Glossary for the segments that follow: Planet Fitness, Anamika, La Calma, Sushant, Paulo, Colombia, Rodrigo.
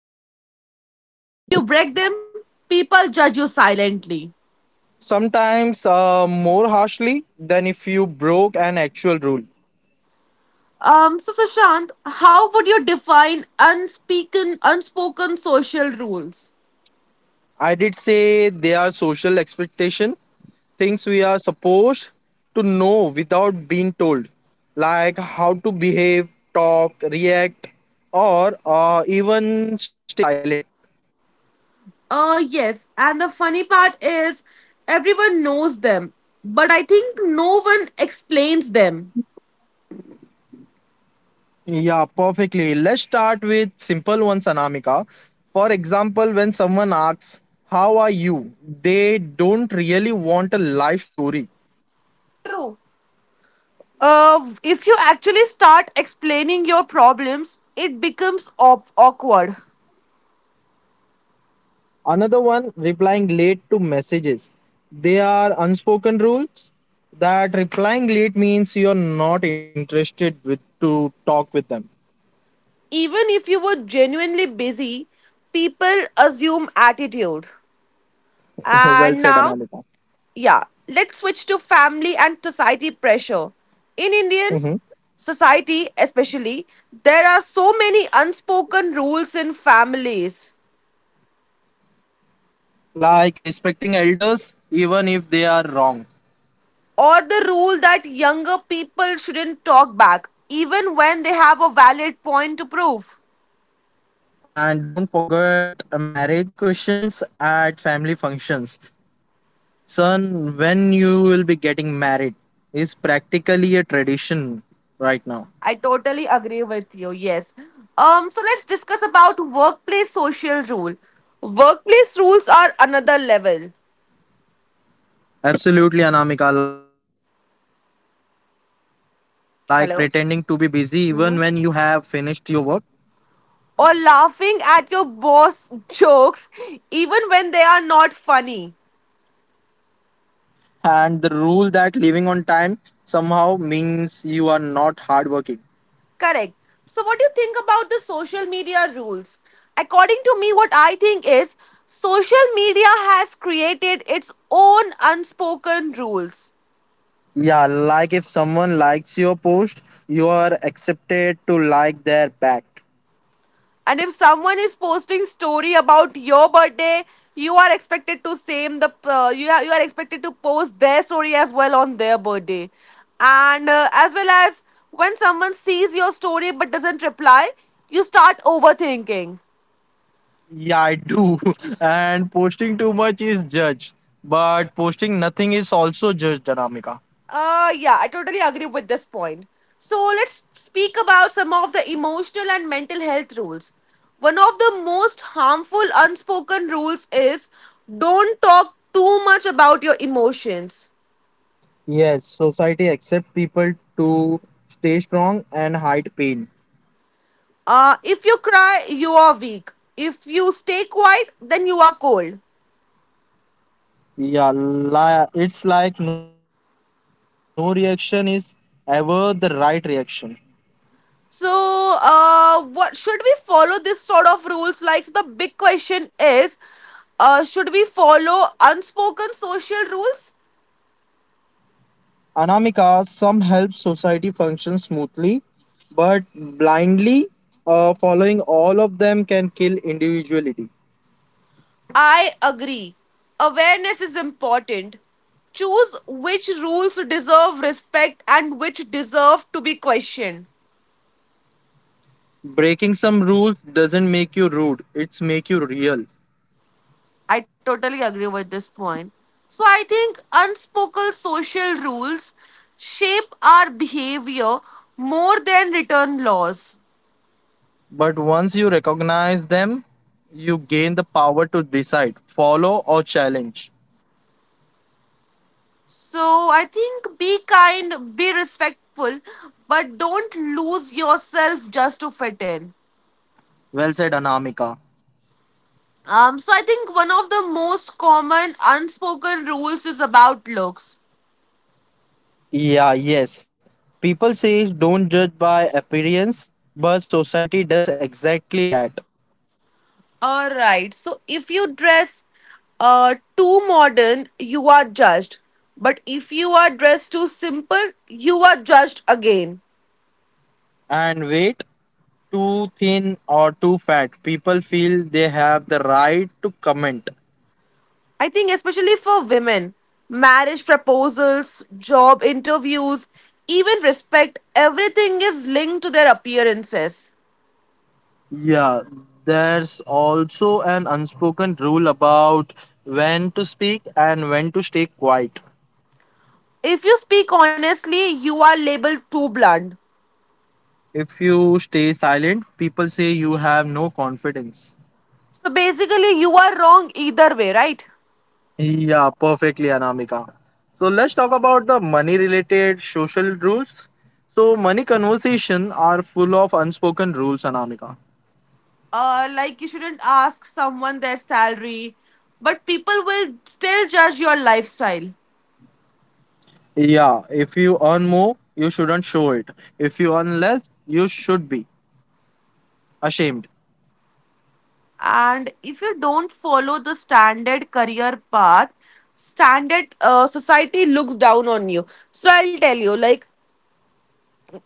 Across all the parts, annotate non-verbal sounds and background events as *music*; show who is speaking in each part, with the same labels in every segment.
Speaker 1: school, but if you break them, people judge you silently.
Speaker 2: Sometimes more harshly than if you broke an actual rule.
Speaker 1: So, Sushant, how would you define unspoken social rules?
Speaker 2: I did say they are social expectation, things we are supposed to know without being told, like how to behave, talk, react, or even stay silent.
Speaker 1: Yes. And the funny part is, everyone knows them, but I think no one explains them.
Speaker 2: Yeah, perfectly. Let's start with simple ones, Anamika. For example, when someone asks, "How are you?" they don't really want a life story.
Speaker 1: True. If you actually start explaining your problems, it becomes awkward.
Speaker 2: Another one, replying late to messages. They are unspoken rules that replying late means you're not interested with to talk with them.
Speaker 1: Even if you were genuinely busy, people assume attitude.
Speaker 2: *laughs* Well
Speaker 1: And
Speaker 2: said,
Speaker 1: now,
Speaker 2: Anamika.
Speaker 1: yeah, let's switch to family and society pressure. In Indian
Speaker 2: Mhm.
Speaker 1: society, especially, there are so many unspoken rules in families,
Speaker 2: Like respecting elders, even if they are wrong.
Speaker 1: or the rule that younger people shouldn't talk back, even when they have a valid point to prove.
Speaker 2: And don't forget marriage questions at family functions. Son, when you will be getting married is practically a tradition right now.
Speaker 1: I totally agree with you. Yes. So let's discuss about workplace social rule. Workplace rules are another level.
Speaker 2: Absolutely, Anamika. Like pretending to be busy even when you have finished your
Speaker 1: Hello.
Speaker 2: work.
Speaker 1: Or laughing at your boss jokes even when they are not funny.
Speaker 2: And the rule that leaving on time somehow means you are not hardworking.
Speaker 1: Correct. So what do you think about the social media rules? According to me, what I think is social media has created its own unspoken rules.
Speaker 2: Yeah, like if someone likes your post, you are accepted to like their back.
Speaker 1: And if someone is posting story about your birthday, you are expected to same the you are expected to post their story as well on their birthday, and as well as when someone sees your story but doesn't reply, you start overthinking.
Speaker 2: Yeah, I do. *laughs* And posting too much is judged. But posting nothing is also judged, Anamika.
Speaker 1: Yeah, I totally agree with this point. So let's speak about some of the emotional and mental health rules. One of the most harmful unspoken rules is don't talk too much about your emotions.
Speaker 2: Yes, society accept people to stay strong and hide pain.
Speaker 1: If you cry, you are weak. If you stay quiet, then you are cold.
Speaker 2: Yeah, it's like no reaction is ever the right reaction.
Speaker 1: So, what should we follow this sort of rules? Like, so the big question is, should we follow unspoken social rules?
Speaker 2: Anamika, some help society function smoothly, but blindly following all of them can kill individuality.
Speaker 1: I agree. Awareness is important. Choose which rules deserve respect and which deserve to be questioned.
Speaker 2: Breaking some rules doesn't make you rude, it's make you real.
Speaker 1: I totally agree with this point. So I think unspoken social rules shape our behavior more than written laws.
Speaker 2: But once you recognize them, you gain the power to decide, follow or challenge.
Speaker 1: So I think be kind, be respectful, but don't lose yourself just to fit in.
Speaker 2: Well said, Anamika.
Speaker 1: So I think one of the most common unspoken rules is about looks.
Speaker 2: Yeah, yes. People say don't judge by appearance, but society does exactly that.
Speaker 1: All right. So if you dress too modern, you are judged. But if you are dressed too simple, you are judged again.
Speaker 2: And weight, too thin or too fat, people feel they have the right to comment.
Speaker 1: I think, especially for women, marriage proposals, job interviews, even respect, everything is linked to their appearances.
Speaker 2: Yeah, there's also an unspoken rule about when to speak and when to stay quiet.
Speaker 1: If you speak honestly, you are labeled too blunt.
Speaker 2: If you stay silent, people say you have no confidence.
Speaker 1: So basically, you are wrong either way, right?
Speaker 2: Yeah, perfectly, Anamika. So let's talk about the money related social rules. So money conversation are full of unspoken rules, Anamika.
Speaker 1: Like, you shouldn't ask someone their salary, but people will still judge your lifestyle.
Speaker 2: Yeah, if you earn more, you shouldn't show it. If you earn less, you should be ashamed.
Speaker 1: And if you don't follow the standard career path, standard society looks down on you. So I'll tell you, like,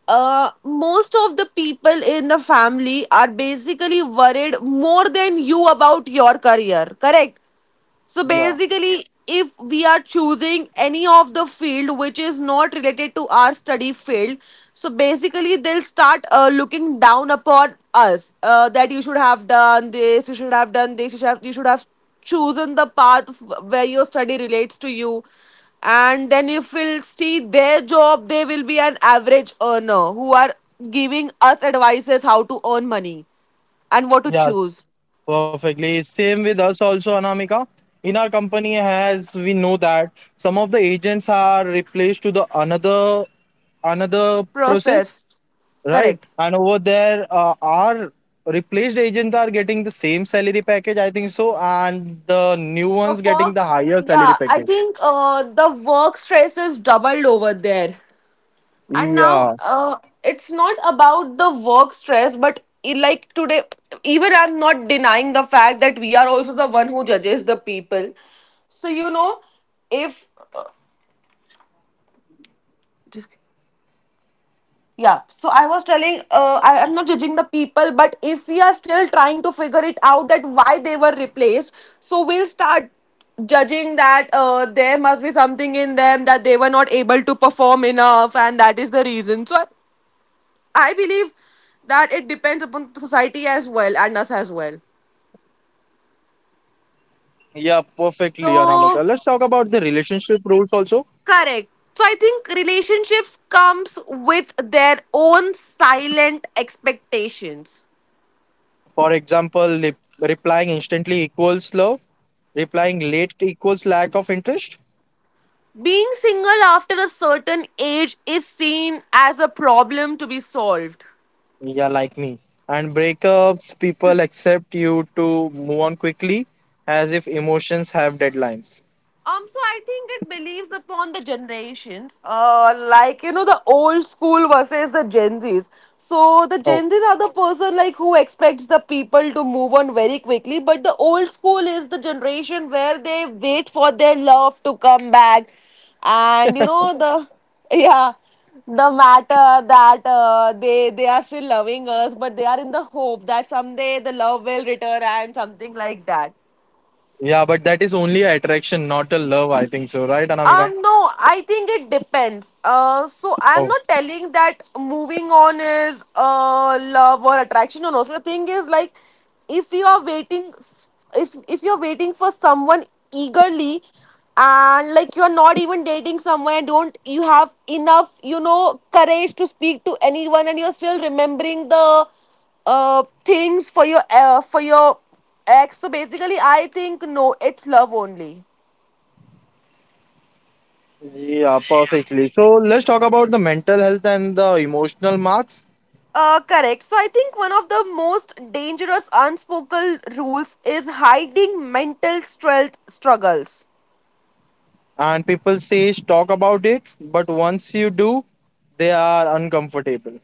Speaker 1: most of the people in the family are basically worried more than you about your career, correct? So
Speaker 2: Yeah.
Speaker 1: basically, if we are choosing any of the field which is not related to our study field, so basically they'll start looking down upon us that you should have done this, you should have done this, you should have chosen the path where your study relates to you. And then if we'll see their job, they will be an average earner who are giving us advices how to earn money and what to
Speaker 2: Yes,
Speaker 1: choose.
Speaker 2: perfectly. Same with us also, Anamika. In our company, as we know that some of the agents are replaced to the another process.
Speaker 1: Process.
Speaker 2: Right.
Speaker 1: Correct.
Speaker 2: And over there, our replaced agents are getting the same salary package, I think so, and the new
Speaker 1: The
Speaker 2: ones getting the
Speaker 1: work,
Speaker 2: higher salary
Speaker 1: yeah, I
Speaker 2: package.
Speaker 1: think the work stress is doubled over there. And now
Speaker 2: Yeah.
Speaker 1: it's not about the work stress, but like today, even I'm not denying the fact that we are also the one who judges the people. So, you know, if. Yeah, so I was telling, I am not judging the people, but if we are still trying to figure it out that why they were replaced, so we'll start judging that there must be something in them that they were not able to perform enough, and that is the reason. So I believe that it depends upon the society as well and us as well.
Speaker 2: Yeah, perfectly, Anamika. Let's talk about the
Speaker 1: So
Speaker 2: relationship rules also.
Speaker 1: correct. So I think relationships comes with their own silent expectations.
Speaker 2: For example, replying instantly equals love, replying late equals lack of interest.
Speaker 1: Being single after a certain age is seen as a problem to be solved.
Speaker 2: Yeah, like me. And breakups, people accept you to move on quickly as if emotions have deadlines.
Speaker 1: So I think it believes upon the generations, like, you know, the old school versus the Gen Zs. So the Gen Zs are the person like who expects the people to move on very quickly, but the old school is the generation where they wait for their love to come back, and you know the *laughs* yeah the matter that they are still loving us, but they are in the hope that someday the love will return and something like that.
Speaker 2: Yeah, but that is only a attraction, not a love, I think so, right, Anamika?
Speaker 1: No, I think it depends. So I'm
Speaker 2: Oh.
Speaker 1: not telling that moving on is love or attraction. No, no. So the thing is like, if you are waiting, if you're waiting for someone eagerly, and like you're not even dating someone, and don't you have enough, you know, courage to speak to anyone, and you're still remembering the things for your ex. So basically, I think no, it's love only.
Speaker 2: Yeah, perfectly. So let's talk about the mental health and the emotional marks.
Speaker 1: Correct. So I think one of the most dangerous unspoken rules is hiding mental strength struggles.
Speaker 2: And people say talk about it, but once you do, they are uncomfortable.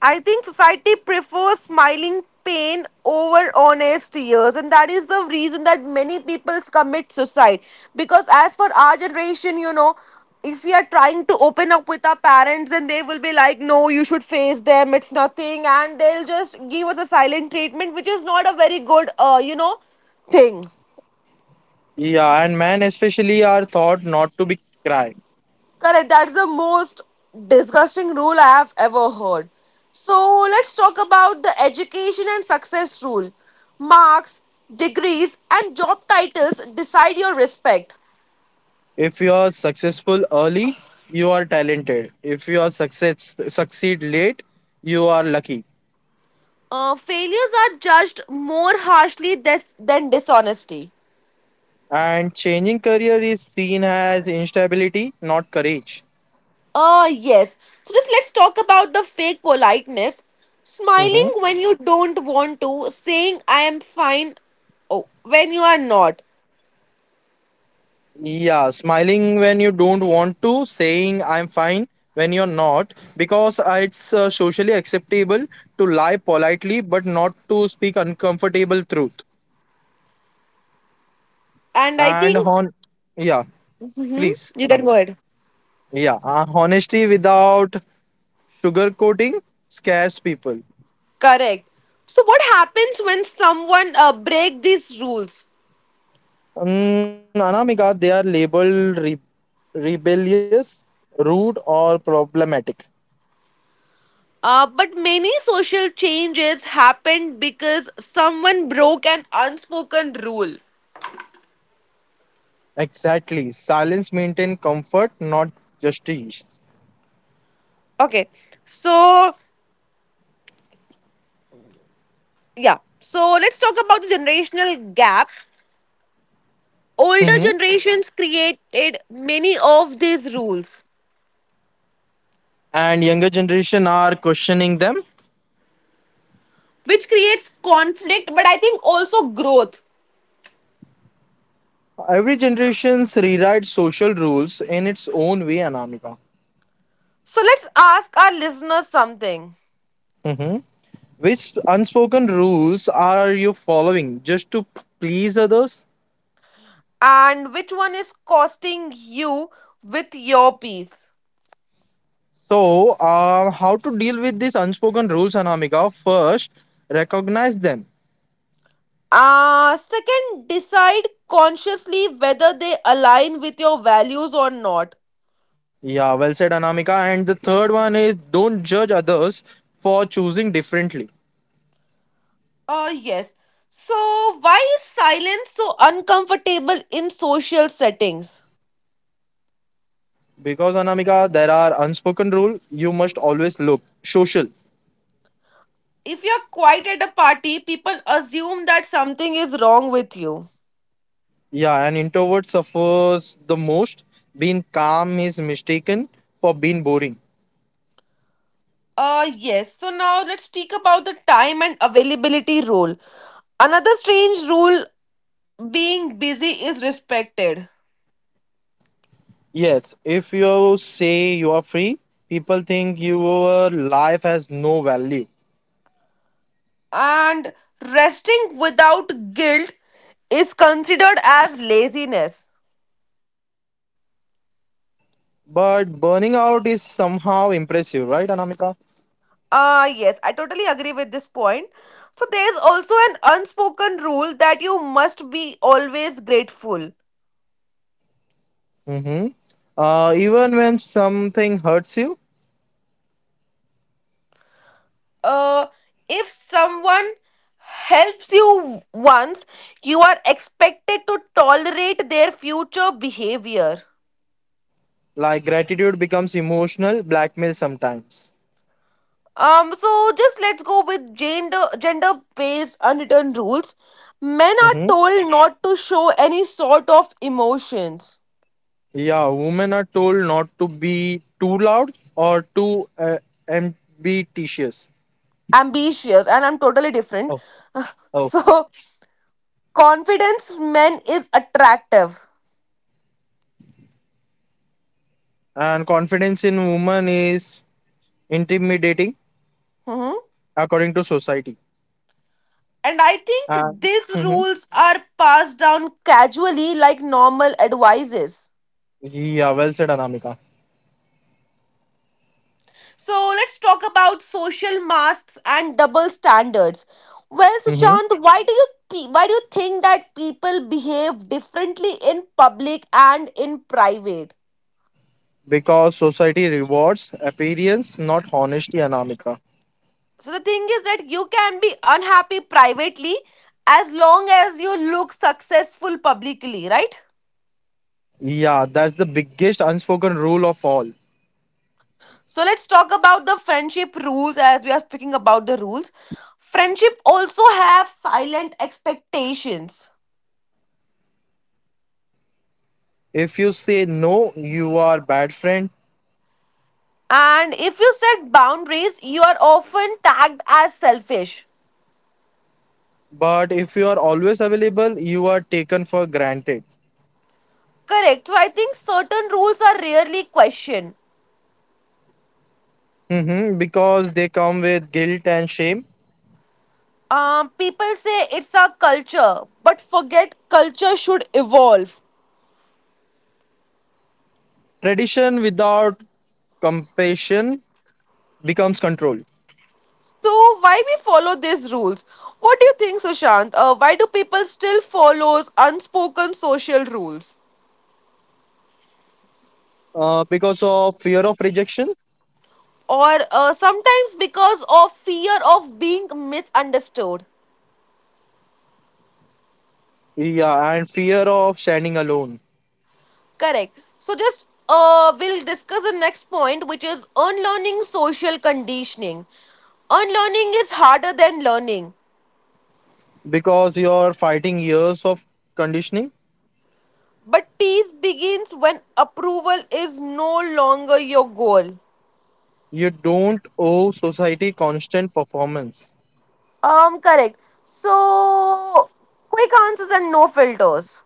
Speaker 1: I think society prefers smiling pain over honest tears, and that is the reason that many people commit suicide. Because as for our generation, you know, if we are trying to open up with our parents, then they will be like, "No, you should face them. It's nothing," and they'll just give us a silent treatment, which is not a very good, you know, thing.
Speaker 2: Yeah, and men especially are taught not to be cried.
Speaker 1: Correct. That's the most disgusting rule I have ever heard. So let's talk about the education and success rule. Marks, degrees, and job titles decide your respect.
Speaker 2: If you are successful early, you are talented. If you are success succeed late, you are lucky.
Speaker 1: Failures are judged more harshly this, than dishonesty.
Speaker 2: And changing career is seen as instability, not courage.
Speaker 1: Yes. So just let's talk about the fake politeness. Smiling
Speaker 2: Mm-hmm.
Speaker 1: when you don't want to, saying I am fine oh, when you are not.
Speaker 2: Yeah, smiling when you don't want to, saying I'm fine when you're not, because it's socially acceptable to lie but not to speak uncomfortable truth.
Speaker 1: And I
Speaker 2: And
Speaker 1: think
Speaker 2: hon, yeah, please,
Speaker 1: you can go
Speaker 2: Anamika.
Speaker 1: ahead.
Speaker 2: Yeah, honesty without sugarcoating scares people.
Speaker 1: Correct. So what happens when someone break these rules?
Speaker 2: Mm, Anamika, they are labeled re rebellious, rude, or problematic.
Speaker 1: But many social changes happen because someone broke an unspoken rule.
Speaker 2: Exactly. Silence maintain comfort, not justice.
Speaker 1: Okay. So yeah. So let's talk about the generational gap. Older
Speaker 2: Mhm.
Speaker 1: generations created many of these rules,
Speaker 2: And younger generation are questioning them.
Speaker 1: which creates conflict, but I think also growth.
Speaker 2: Every generation rewrites social rules in its own way, Anamika.
Speaker 1: So let's ask our listeners something.
Speaker 2: Mhm. Which unspoken rules are you following just to please others?
Speaker 1: And which one is costing you with your peace.
Speaker 2: So, how to deal with these unspoken rules, Anamika? First, recognize them.
Speaker 1: Second, decide consciously whether they align with your values or not.
Speaker 2: Yeah, well said, Anamika. And the third one is don't judge others for choosing differently.
Speaker 1: Yes. So, why is silence so uncomfortable in social settings?
Speaker 2: Because Anamika, there are unspoken rule. You must always look social.
Speaker 1: If you're quiet at a party, people assume that something is wrong with you.
Speaker 2: Yeah, an introvert suffers the most. Being calm is mistaken for being boring.
Speaker 1: Yes. So, now let's speak about the time and availability rule. Another strange rule being busy is respected.
Speaker 2: Yes, if you say you are free, people think your life has no value.
Speaker 1: And resting without guilt is considered as laziness.
Speaker 2: But burning out is somehow impressive, right, Anamika?
Speaker 1: Ah, yes, I totally agree with this point. So, there is also an unspoken rule that you must be always grateful.
Speaker 2: Mm-hmm. Even when something hurts you,
Speaker 1: Uh, if someone helps you once, you are expected to tolerate their future behavior.
Speaker 2: like gratitude becomes emotional blackmail sometimes.
Speaker 1: So just let's go with gender based unwritten rules. Men are
Speaker 2: Mm-hmm.
Speaker 1: told not to show any sort of emotions.
Speaker 2: Yeah, women are told not to be too loud or too ambitious.
Speaker 1: Ambitious, and I'm totally different.
Speaker 2: Oh,
Speaker 1: *laughs*
Speaker 2: oh.
Speaker 1: So confidence men is attractive.
Speaker 2: And confidence in women is intimidating
Speaker 1: Mhm.
Speaker 2: according to society.
Speaker 1: And I think
Speaker 2: And
Speaker 1: these
Speaker 2: Mhm.
Speaker 1: rules are passed down casually like normal advices.
Speaker 2: Yeah, well said, Anamika.
Speaker 1: So let's talk about social masks and double standards. Well,
Speaker 2: Hmm.
Speaker 1: Sushant, why do you think that people behave differently in public and in private?
Speaker 2: Because society rewards appearance, not honesty, Anamika.
Speaker 1: So the thing is that you can be unhappy privately as long as you look successful publicly, right?
Speaker 2: Yeah, that's the biggest unspoken rule of all.
Speaker 1: So let's talk about the friendship rules as we are speaking about the rules. Friendship also have silent expectations.
Speaker 2: If you say no, you are bad friend.
Speaker 1: And if you set boundaries, you are often tagged as selfish.
Speaker 2: But if you are always available, you are taken for granted.
Speaker 1: Correct. So I think certain rules are rarely questioned.
Speaker 2: Hmm. Because they come with guilt and shame.
Speaker 1: People say it's our culture, but forget culture should evolve.
Speaker 2: Tradition without compassion becomes control
Speaker 1: So why we follow these rules? What do you think, Sushant? Why do people still follow unspoken social rules?
Speaker 2: because of fear of rejection,
Speaker 1: Or sometimes because of fear of being misunderstood.
Speaker 2: yeah, and fear of standing alone
Speaker 1: Correct. So just we'll discuss the next point, which is unlearning social conditioning. Unlearning is harder than learning,
Speaker 2: because you're fighting years of conditioning.
Speaker 1: but peace begins when approval is no longer your goal.
Speaker 2: You don't owe society constant performance.
Speaker 1: Correct. So quick answers and no filters.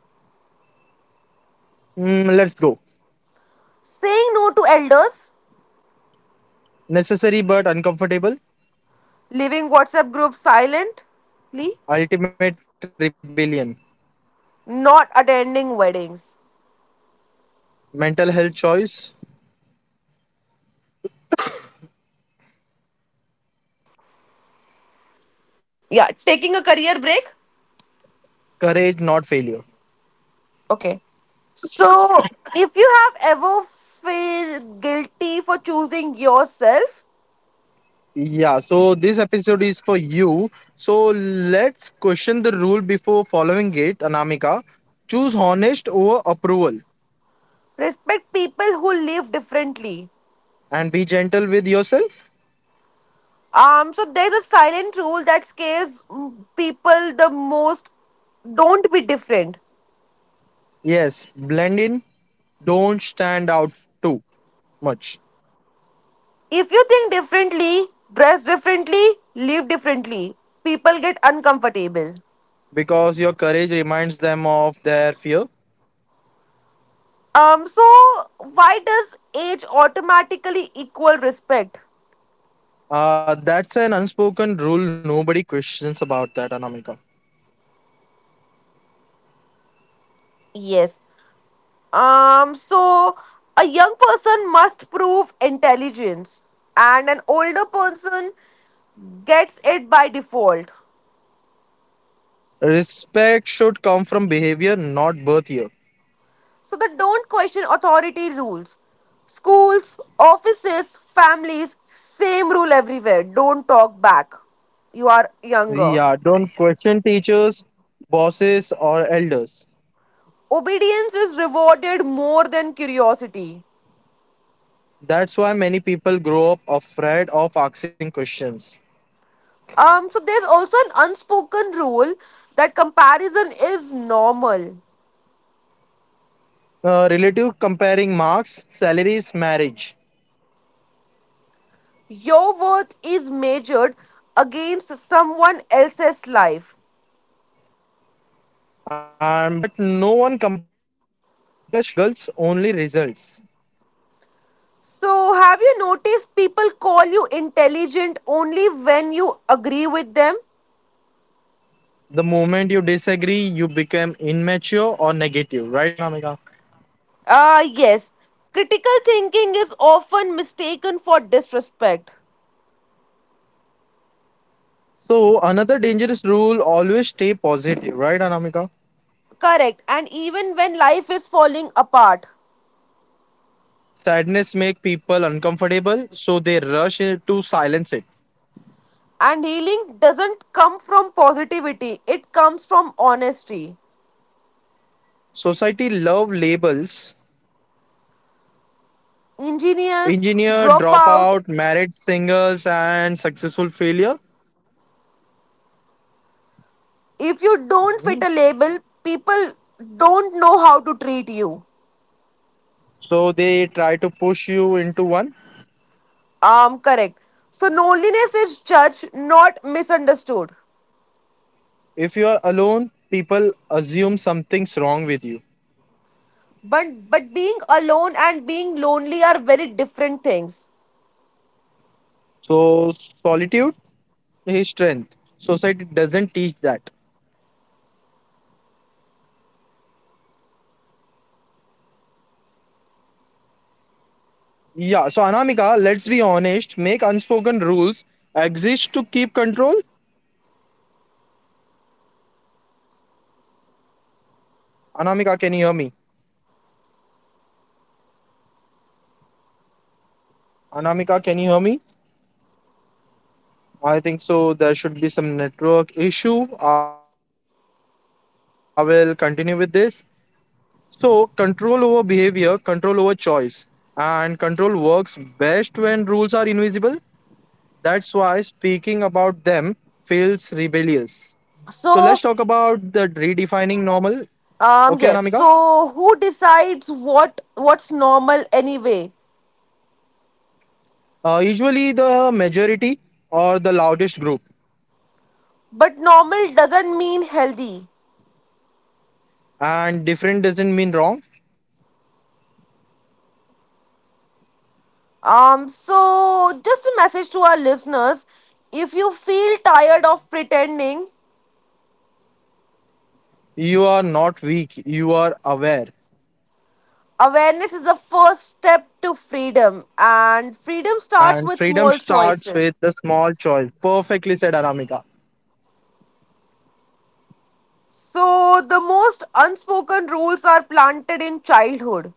Speaker 2: Mm, let's go.
Speaker 1: Saying no to elders,
Speaker 2: Necessary but uncomfortable.
Speaker 1: leaving WhatsApp groups silently,
Speaker 2: Ultimate rebellion.
Speaker 1: not attending weddings.
Speaker 2: Mental health choice.
Speaker 3: Yeah, taking a career break.
Speaker 2: Courage, not failure.
Speaker 3: Okay. So if you have ever feel guilty for choosing yourself,
Speaker 2: Yeah, so this episode is for you. So let's question the rule before following it, Anamika. Choose honest over approval
Speaker 3: respect people who live differently.
Speaker 2: and be gentle with yourself.
Speaker 3: So there's a silent rule that scares people the most. Don't be different.
Speaker 2: Yes, blend in, don't stand out too much
Speaker 3: If you think differently, dress differently, live differently, people get uncomfortable.
Speaker 2: because your courage reminds them of their fear.
Speaker 3: So why does age automatically equal respect?
Speaker 2: That's an unspoken rule, nobody questions about that, Anamika.
Speaker 3: Yes. So a young person must prove intelligence, and an older person gets it by default.
Speaker 2: Respect should come from behavior, not birth year.
Speaker 3: So the don't question authority rules. Schools, offices, families, same rule everywhere. Don't talk back. You are younger.
Speaker 2: Yeah, don't question teachers, bosses, or elders.
Speaker 3: Obedience is rewarded more than curiosity.
Speaker 2: That's why many people grow up afraid of asking questions.
Speaker 3: So there's also an unspoken rule that comparison is normal.
Speaker 2: Relative comparing marks, salaries, marriage.
Speaker 3: Your worth is measured against someone else's life.
Speaker 2: But no one compares struggles, only results.
Speaker 3: So, have you noticed people call you intelligent only when you agree with them?
Speaker 2: The moment you disagree, you become immature or negative, right, Anamika?
Speaker 3: Ah, yes. Critical thinking is often mistaken for disrespect.
Speaker 2: So, another dangerous rule always stay positive, right, Anamika?
Speaker 3: Correct. And even when life is falling apart,
Speaker 2: Sadness make people uncomfortable, so they rush in to silence it.
Speaker 3: and healing doesn't come from positivity, it comes from honesty.
Speaker 2: Society love labels,
Speaker 3: Engineers
Speaker 2: engineer
Speaker 3: drop out.
Speaker 2: dropout, married singles, and successful failure.
Speaker 3: If you don't
Speaker 2: Mhm.
Speaker 3: fit a label, people don't know how to treat you.
Speaker 2: So they try to push you into one.
Speaker 3: Correct. So loneliness is judged, not misunderstood.
Speaker 2: If you are alone, people assume something's wrong with you.
Speaker 3: But being alone and being lonely are very different things.
Speaker 2: So solitude is strength. Society doesn't teach that. Yeah, so Anamika, let's be honest, make unspoken rules exist to keep control. Anamika, can you hear me? Anamika, can you hear me? I think so. There should be some network issue. I will continue with this. So, control over behavior, control over choice, and control works best when rules are invisible. That's why speaking about them feels rebellious. So, let's talk
Speaker 3: So
Speaker 2: about the redefining normal. Okay, Anamika?
Speaker 3: yes. So who decides what's normal anyway?
Speaker 2: Usually, the majority or the loudest group,
Speaker 3: But normal doesn't mean healthy.
Speaker 2: and different doesn't mean wrong.
Speaker 3: So just a message to our listeners. If you feel tired of pretending,
Speaker 2: You are not weak, you are aware.
Speaker 3: awareness is the first step to freedom, and freedom starts
Speaker 2: And
Speaker 3: with
Speaker 2: freedom
Speaker 3: small
Speaker 2: starts
Speaker 3: choices.
Speaker 2: with the small choice. Perfectly said, Anamika.
Speaker 3: So, the most unspoken rules are planted in childhood.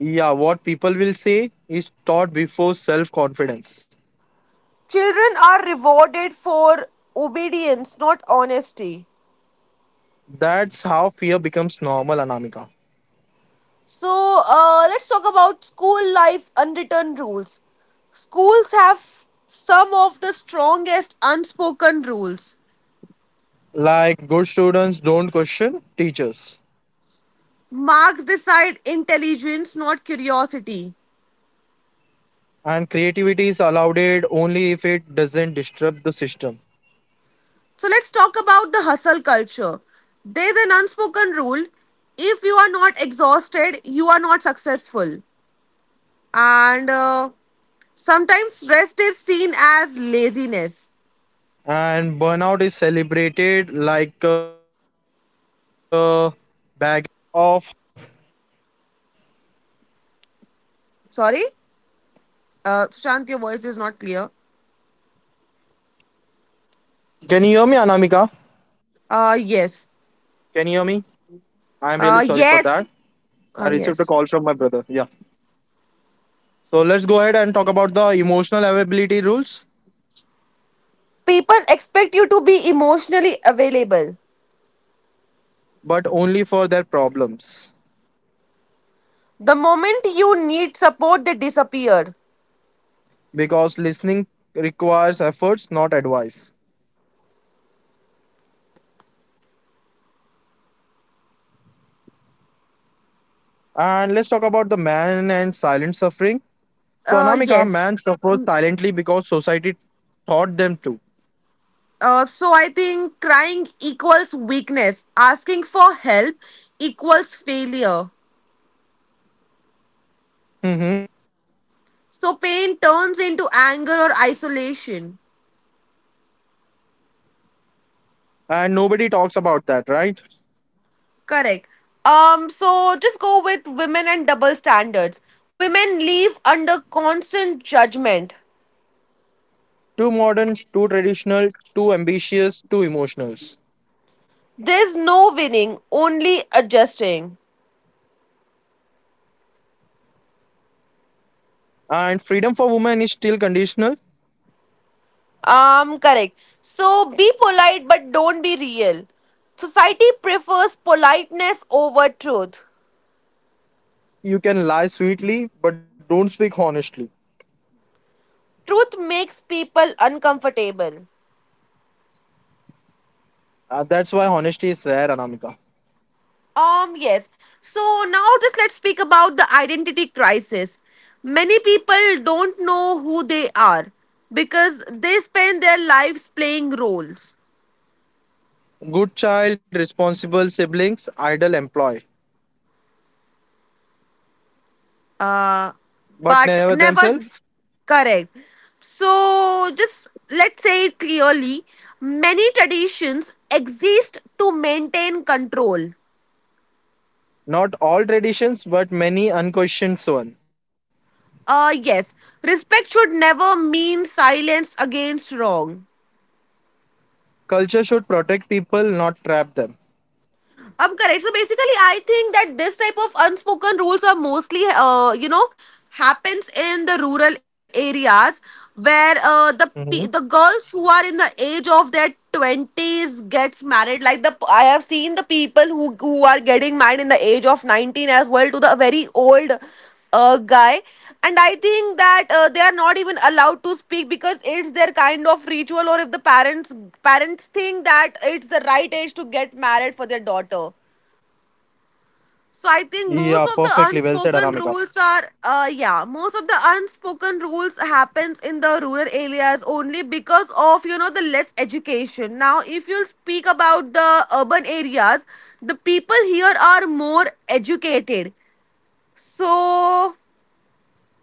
Speaker 2: Yeah, what people will say is taught before self confidence.
Speaker 3: Children are rewarded for obedience, not honesty.
Speaker 2: That's how fear becomes normal, Anamika.
Speaker 3: So, let's talk about school life unwritten rules. Schools have some of the strongest unspoken rules.
Speaker 2: Like good students don't question teachers,
Speaker 3: Marks decide intelligence, not curiosity.
Speaker 2: and creativity is allowed it only if it doesn't disrupt the system.
Speaker 3: So let's talk about the hustle culture. There's an unspoken rule: if you are not exhausted, you are not successful. And sometimes rest is seen as laziness.
Speaker 2: And burnout is celebrated like a
Speaker 3: Sorry? Sushant, your voice is not clear. Yes.
Speaker 2: I'm really sorry for that. I
Speaker 3: Yes.
Speaker 2: received a call from my brother.
Speaker 3: Yes.
Speaker 2: Yeah. So let's go ahead and talk about the emotional availability rules,
Speaker 3: People expect you to be emotionally available.
Speaker 2: but only for their problems.
Speaker 3: The moment you need support, they disappear.
Speaker 2: Because listening requires efforts, not advice. And let's talk about the man and silent suffering. So Anamika,
Speaker 3: Yes.
Speaker 2: man suffers silently because society taught them to.
Speaker 3: So I think crying equals weakness, asking for help equals failure.
Speaker 2: Hmm.
Speaker 3: So pain turns into anger or isolation.
Speaker 2: And nobody talks about that, right?
Speaker 3: Correct. So just go with women and double standards. Women live under constant judgment.
Speaker 2: Too modern, too traditional, too ambitious, too emotional.
Speaker 3: There's no winning, only adjusting.
Speaker 2: And freedom for women is still conditional.
Speaker 3: Correct. So be polite but don't be real. Society prefers politeness over truth.
Speaker 2: You can lie sweetly, but don't speak honestly.
Speaker 3: Truth makes people uncomfortable.
Speaker 2: That's why honesty is rare, Anamika.
Speaker 3: Yes. So now just let's speak about the identity crisis. Many people don't know who they are because they spend their lives playing roles,
Speaker 2: Good child, responsible siblings, idle employ,
Speaker 3: uh,
Speaker 2: but
Speaker 3: but
Speaker 2: never
Speaker 3: never
Speaker 2: themselves.
Speaker 3: correct. So just let's say it clearly. Many traditions exist to maintain control.
Speaker 2: Not all traditions, but many unquestioned ones.
Speaker 3: Yes, respect should never mean silence against wrong.
Speaker 2: Culture should protect people, not trap them.
Speaker 3: Correct. So basically, I think that this type of unspoken rules are mostly, happens in the rural areas where the
Speaker 2: Hmm.
Speaker 3: girls who are in the age of their twenties gets married. Like the I have seen the people who are getting married in the age of 19 as well to the very old a guy, and I think that they are not even allowed to speak because it's their kind of ritual, or if the parents think that it's the right age to get married for their daughter.
Speaker 2: Yeah,
Speaker 3: So I
Speaker 2: perfectly
Speaker 3: think
Speaker 2: well said,
Speaker 3: most of the
Speaker 2: Anamika.
Speaker 3: unspoken rules are most of the unspoken rules happens in the rural areas only because of, you know, the less education. Now if you speak about the urban areas, the people here are more educated, so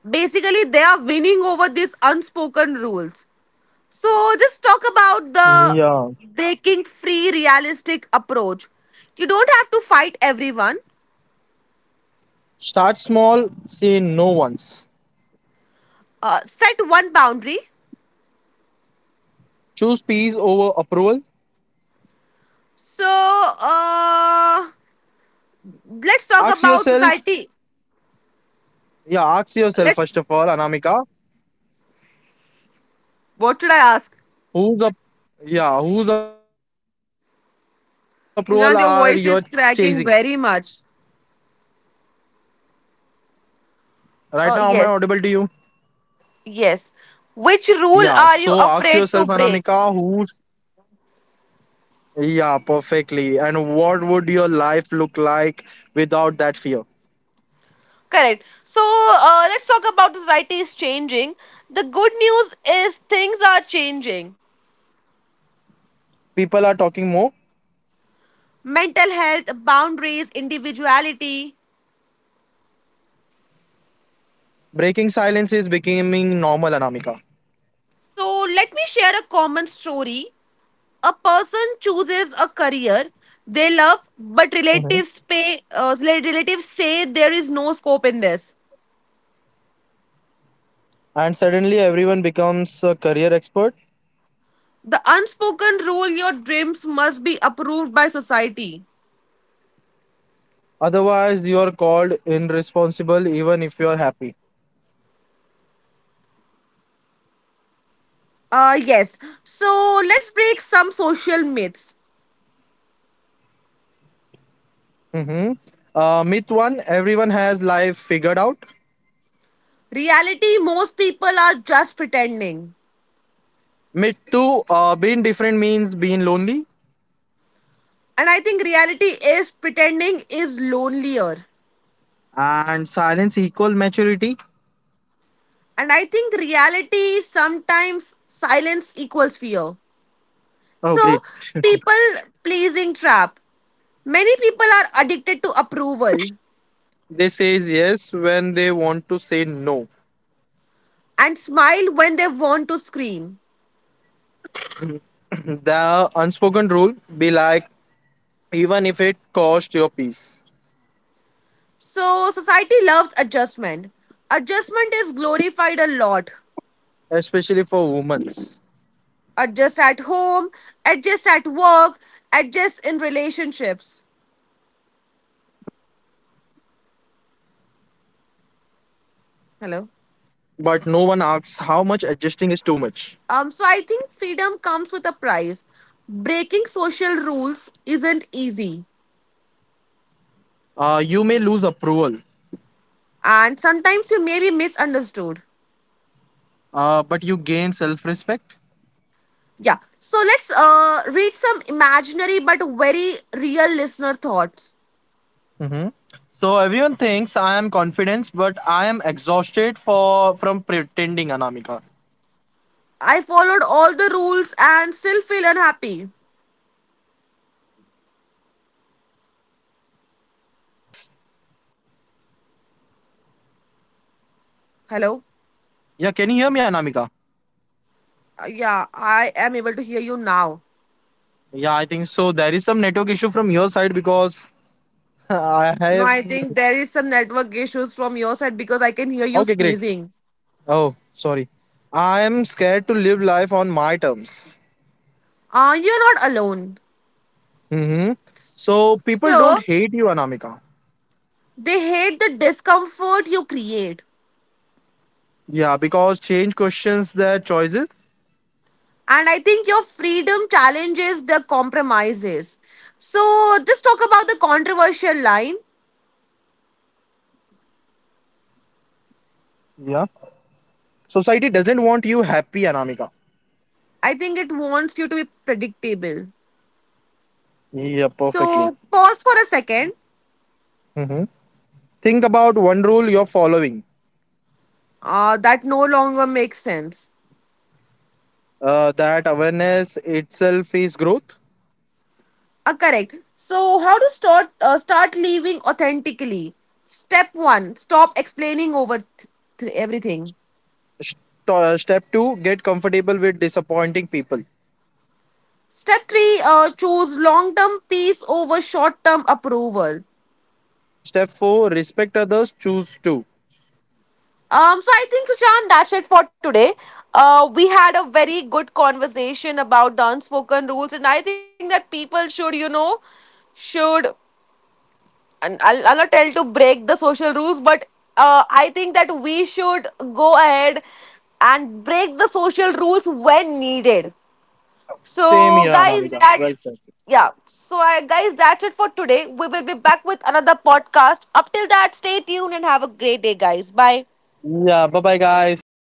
Speaker 3: basically they are winning over these unspoken rules. So just talk about the
Speaker 2: Yeah.
Speaker 3: breaking free realistic approach. You don't have to fight everyone.
Speaker 2: Start small, say no once.
Speaker 3: Set one boundary.
Speaker 2: Choose peace over approval.
Speaker 3: So let's talk
Speaker 2: Ask
Speaker 3: about
Speaker 2: yourself,
Speaker 3: society.
Speaker 2: yeah, ask yourself
Speaker 3: Let's,
Speaker 2: first of all, Anamika,
Speaker 3: what should I ask
Speaker 2: Whose up yeah, whose approval are you chasing?
Speaker 3: Sushant, your voice is cracking very much.
Speaker 2: Right now, am I audible to you?
Speaker 3: uh, yes
Speaker 2: Yeah,
Speaker 3: yes
Speaker 2: so ask
Speaker 3: Which
Speaker 2: yourself,
Speaker 3: rule are you
Speaker 2: Anamika,
Speaker 3: afraid
Speaker 2: who's
Speaker 3: to break?
Speaker 2: yeah, perfectly. And would your life look like without that fear?
Speaker 3: Correct. So let's talk about society is changing. The good news is things are changing.
Speaker 2: People are talking more.
Speaker 3: Mental health, boundaries, individuality.
Speaker 2: Breaking silence is becoming normal, Anamika.
Speaker 3: So let me share a common story. A person chooses a career they love, but
Speaker 2: Mhm.
Speaker 3: relatives pay. Relatives say there is no scope in this.
Speaker 2: And suddenly everyone becomes a career expert.
Speaker 3: The unspoken rule: your dreams must be approved by society.
Speaker 2: Otherwise, you are called irresponsible even if you are happy.
Speaker 3: Yes. So let's break some social myths.
Speaker 2: Mm-hmm. Myth one everyone has life figured out.
Speaker 3: Reality: most people are just pretending,
Speaker 2: Me too. Being different means being lonely,
Speaker 3: and I think reality is pretending is lonelier,
Speaker 2: and silence equal maturity.
Speaker 3: and I think reality sometimes silence equals fear.
Speaker 2: Oh,
Speaker 3: So
Speaker 2: great. *laughs*
Speaker 3: people pleasing trap: many people are addicted to approval
Speaker 2: They says yes when they want to say no.
Speaker 3: and smile when they want to scream.
Speaker 2: *clears throat* The unspoken rule be like even if it cost your peace,
Speaker 3: So society loves adjustment. Adjustment is glorified a lot.
Speaker 2: especially for women.
Speaker 3: Adjust at home, adjust at work, adjust in relationships.
Speaker 2: But no one asks how much
Speaker 3: Hello.
Speaker 2: adjusting is too much.
Speaker 3: So I think freedom comes with a price. Breaking social rules isn't easy,
Speaker 2: You may lose approval,
Speaker 3: and sometimes you may be misunderstood.
Speaker 2: but you gain self-respect.
Speaker 3: Yeah. So let's read some imaginary but very real listener thoughts.
Speaker 2: Hmm. So everyone thinks I am confident, but I am exhausted for from pretending, Anamika.
Speaker 3: I followed all the rules and still feel unhappy.
Speaker 2: Yeah, and I am scared to live life on my terms.
Speaker 3: Hello?
Speaker 2: Yeah, can you hear me, Anamika?
Speaker 3: Yeah, I am able to hear you now.
Speaker 2: Yeah, I think so. There is some network issue from your side because *laughs* I
Speaker 3: No,
Speaker 2: have.
Speaker 3: I think there is some network issues from your side because I can hear you
Speaker 2: Okay, great.
Speaker 3: sneezing.
Speaker 2: Oh, sorry. I am scared to live life on my terms.
Speaker 3: You're not alone.
Speaker 2: Mm-hmm. So people don't
Speaker 3: So,
Speaker 2: hate you, Anamika.
Speaker 3: they hate the discomfort you create.
Speaker 2: Yeah, because change questions their choices.
Speaker 3: And I think your freedom challenges the compromises. So just talk about the controversial line.
Speaker 2: Yeah. Society doesn't want you happy, Anamika.
Speaker 3: I think it wants you to be predictable.
Speaker 2: Yeah, perfectly.
Speaker 3: So pause for a second.
Speaker 2: Mhm. Think about one rule you're following.
Speaker 3: That no longer makes sense.
Speaker 2: That awareness itself is growth.
Speaker 3: Correct. So how to start living authentically? Step one: stop explaining over everything.
Speaker 2: St- step two, get comfortable with disappointing people.
Speaker 3: Step three: choose long term peace over short term approval.
Speaker 2: Step four, respect others, choose to.
Speaker 3: So I think Sushant, that's it for today. We had a very good conversation about the unspoken rules, and I think that people should, you know, should, and I'll not tell to break the social rules, but I think that we should go ahead and break the social rules when needed.
Speaker 2: Same
Speaker 3: So,
Speaker 2: here,
Speaker 3: guys,
Speaker 2: Anamika.
Speaker 3: that
Speaker 2: Well said.
Speaker 3: yeah. So, I, guys, that's it for today. We will be back with another podcast. Up till that, stay tuned and have a great day, guys. Bye.
Speaker 2: Yeah, bye bye, guys.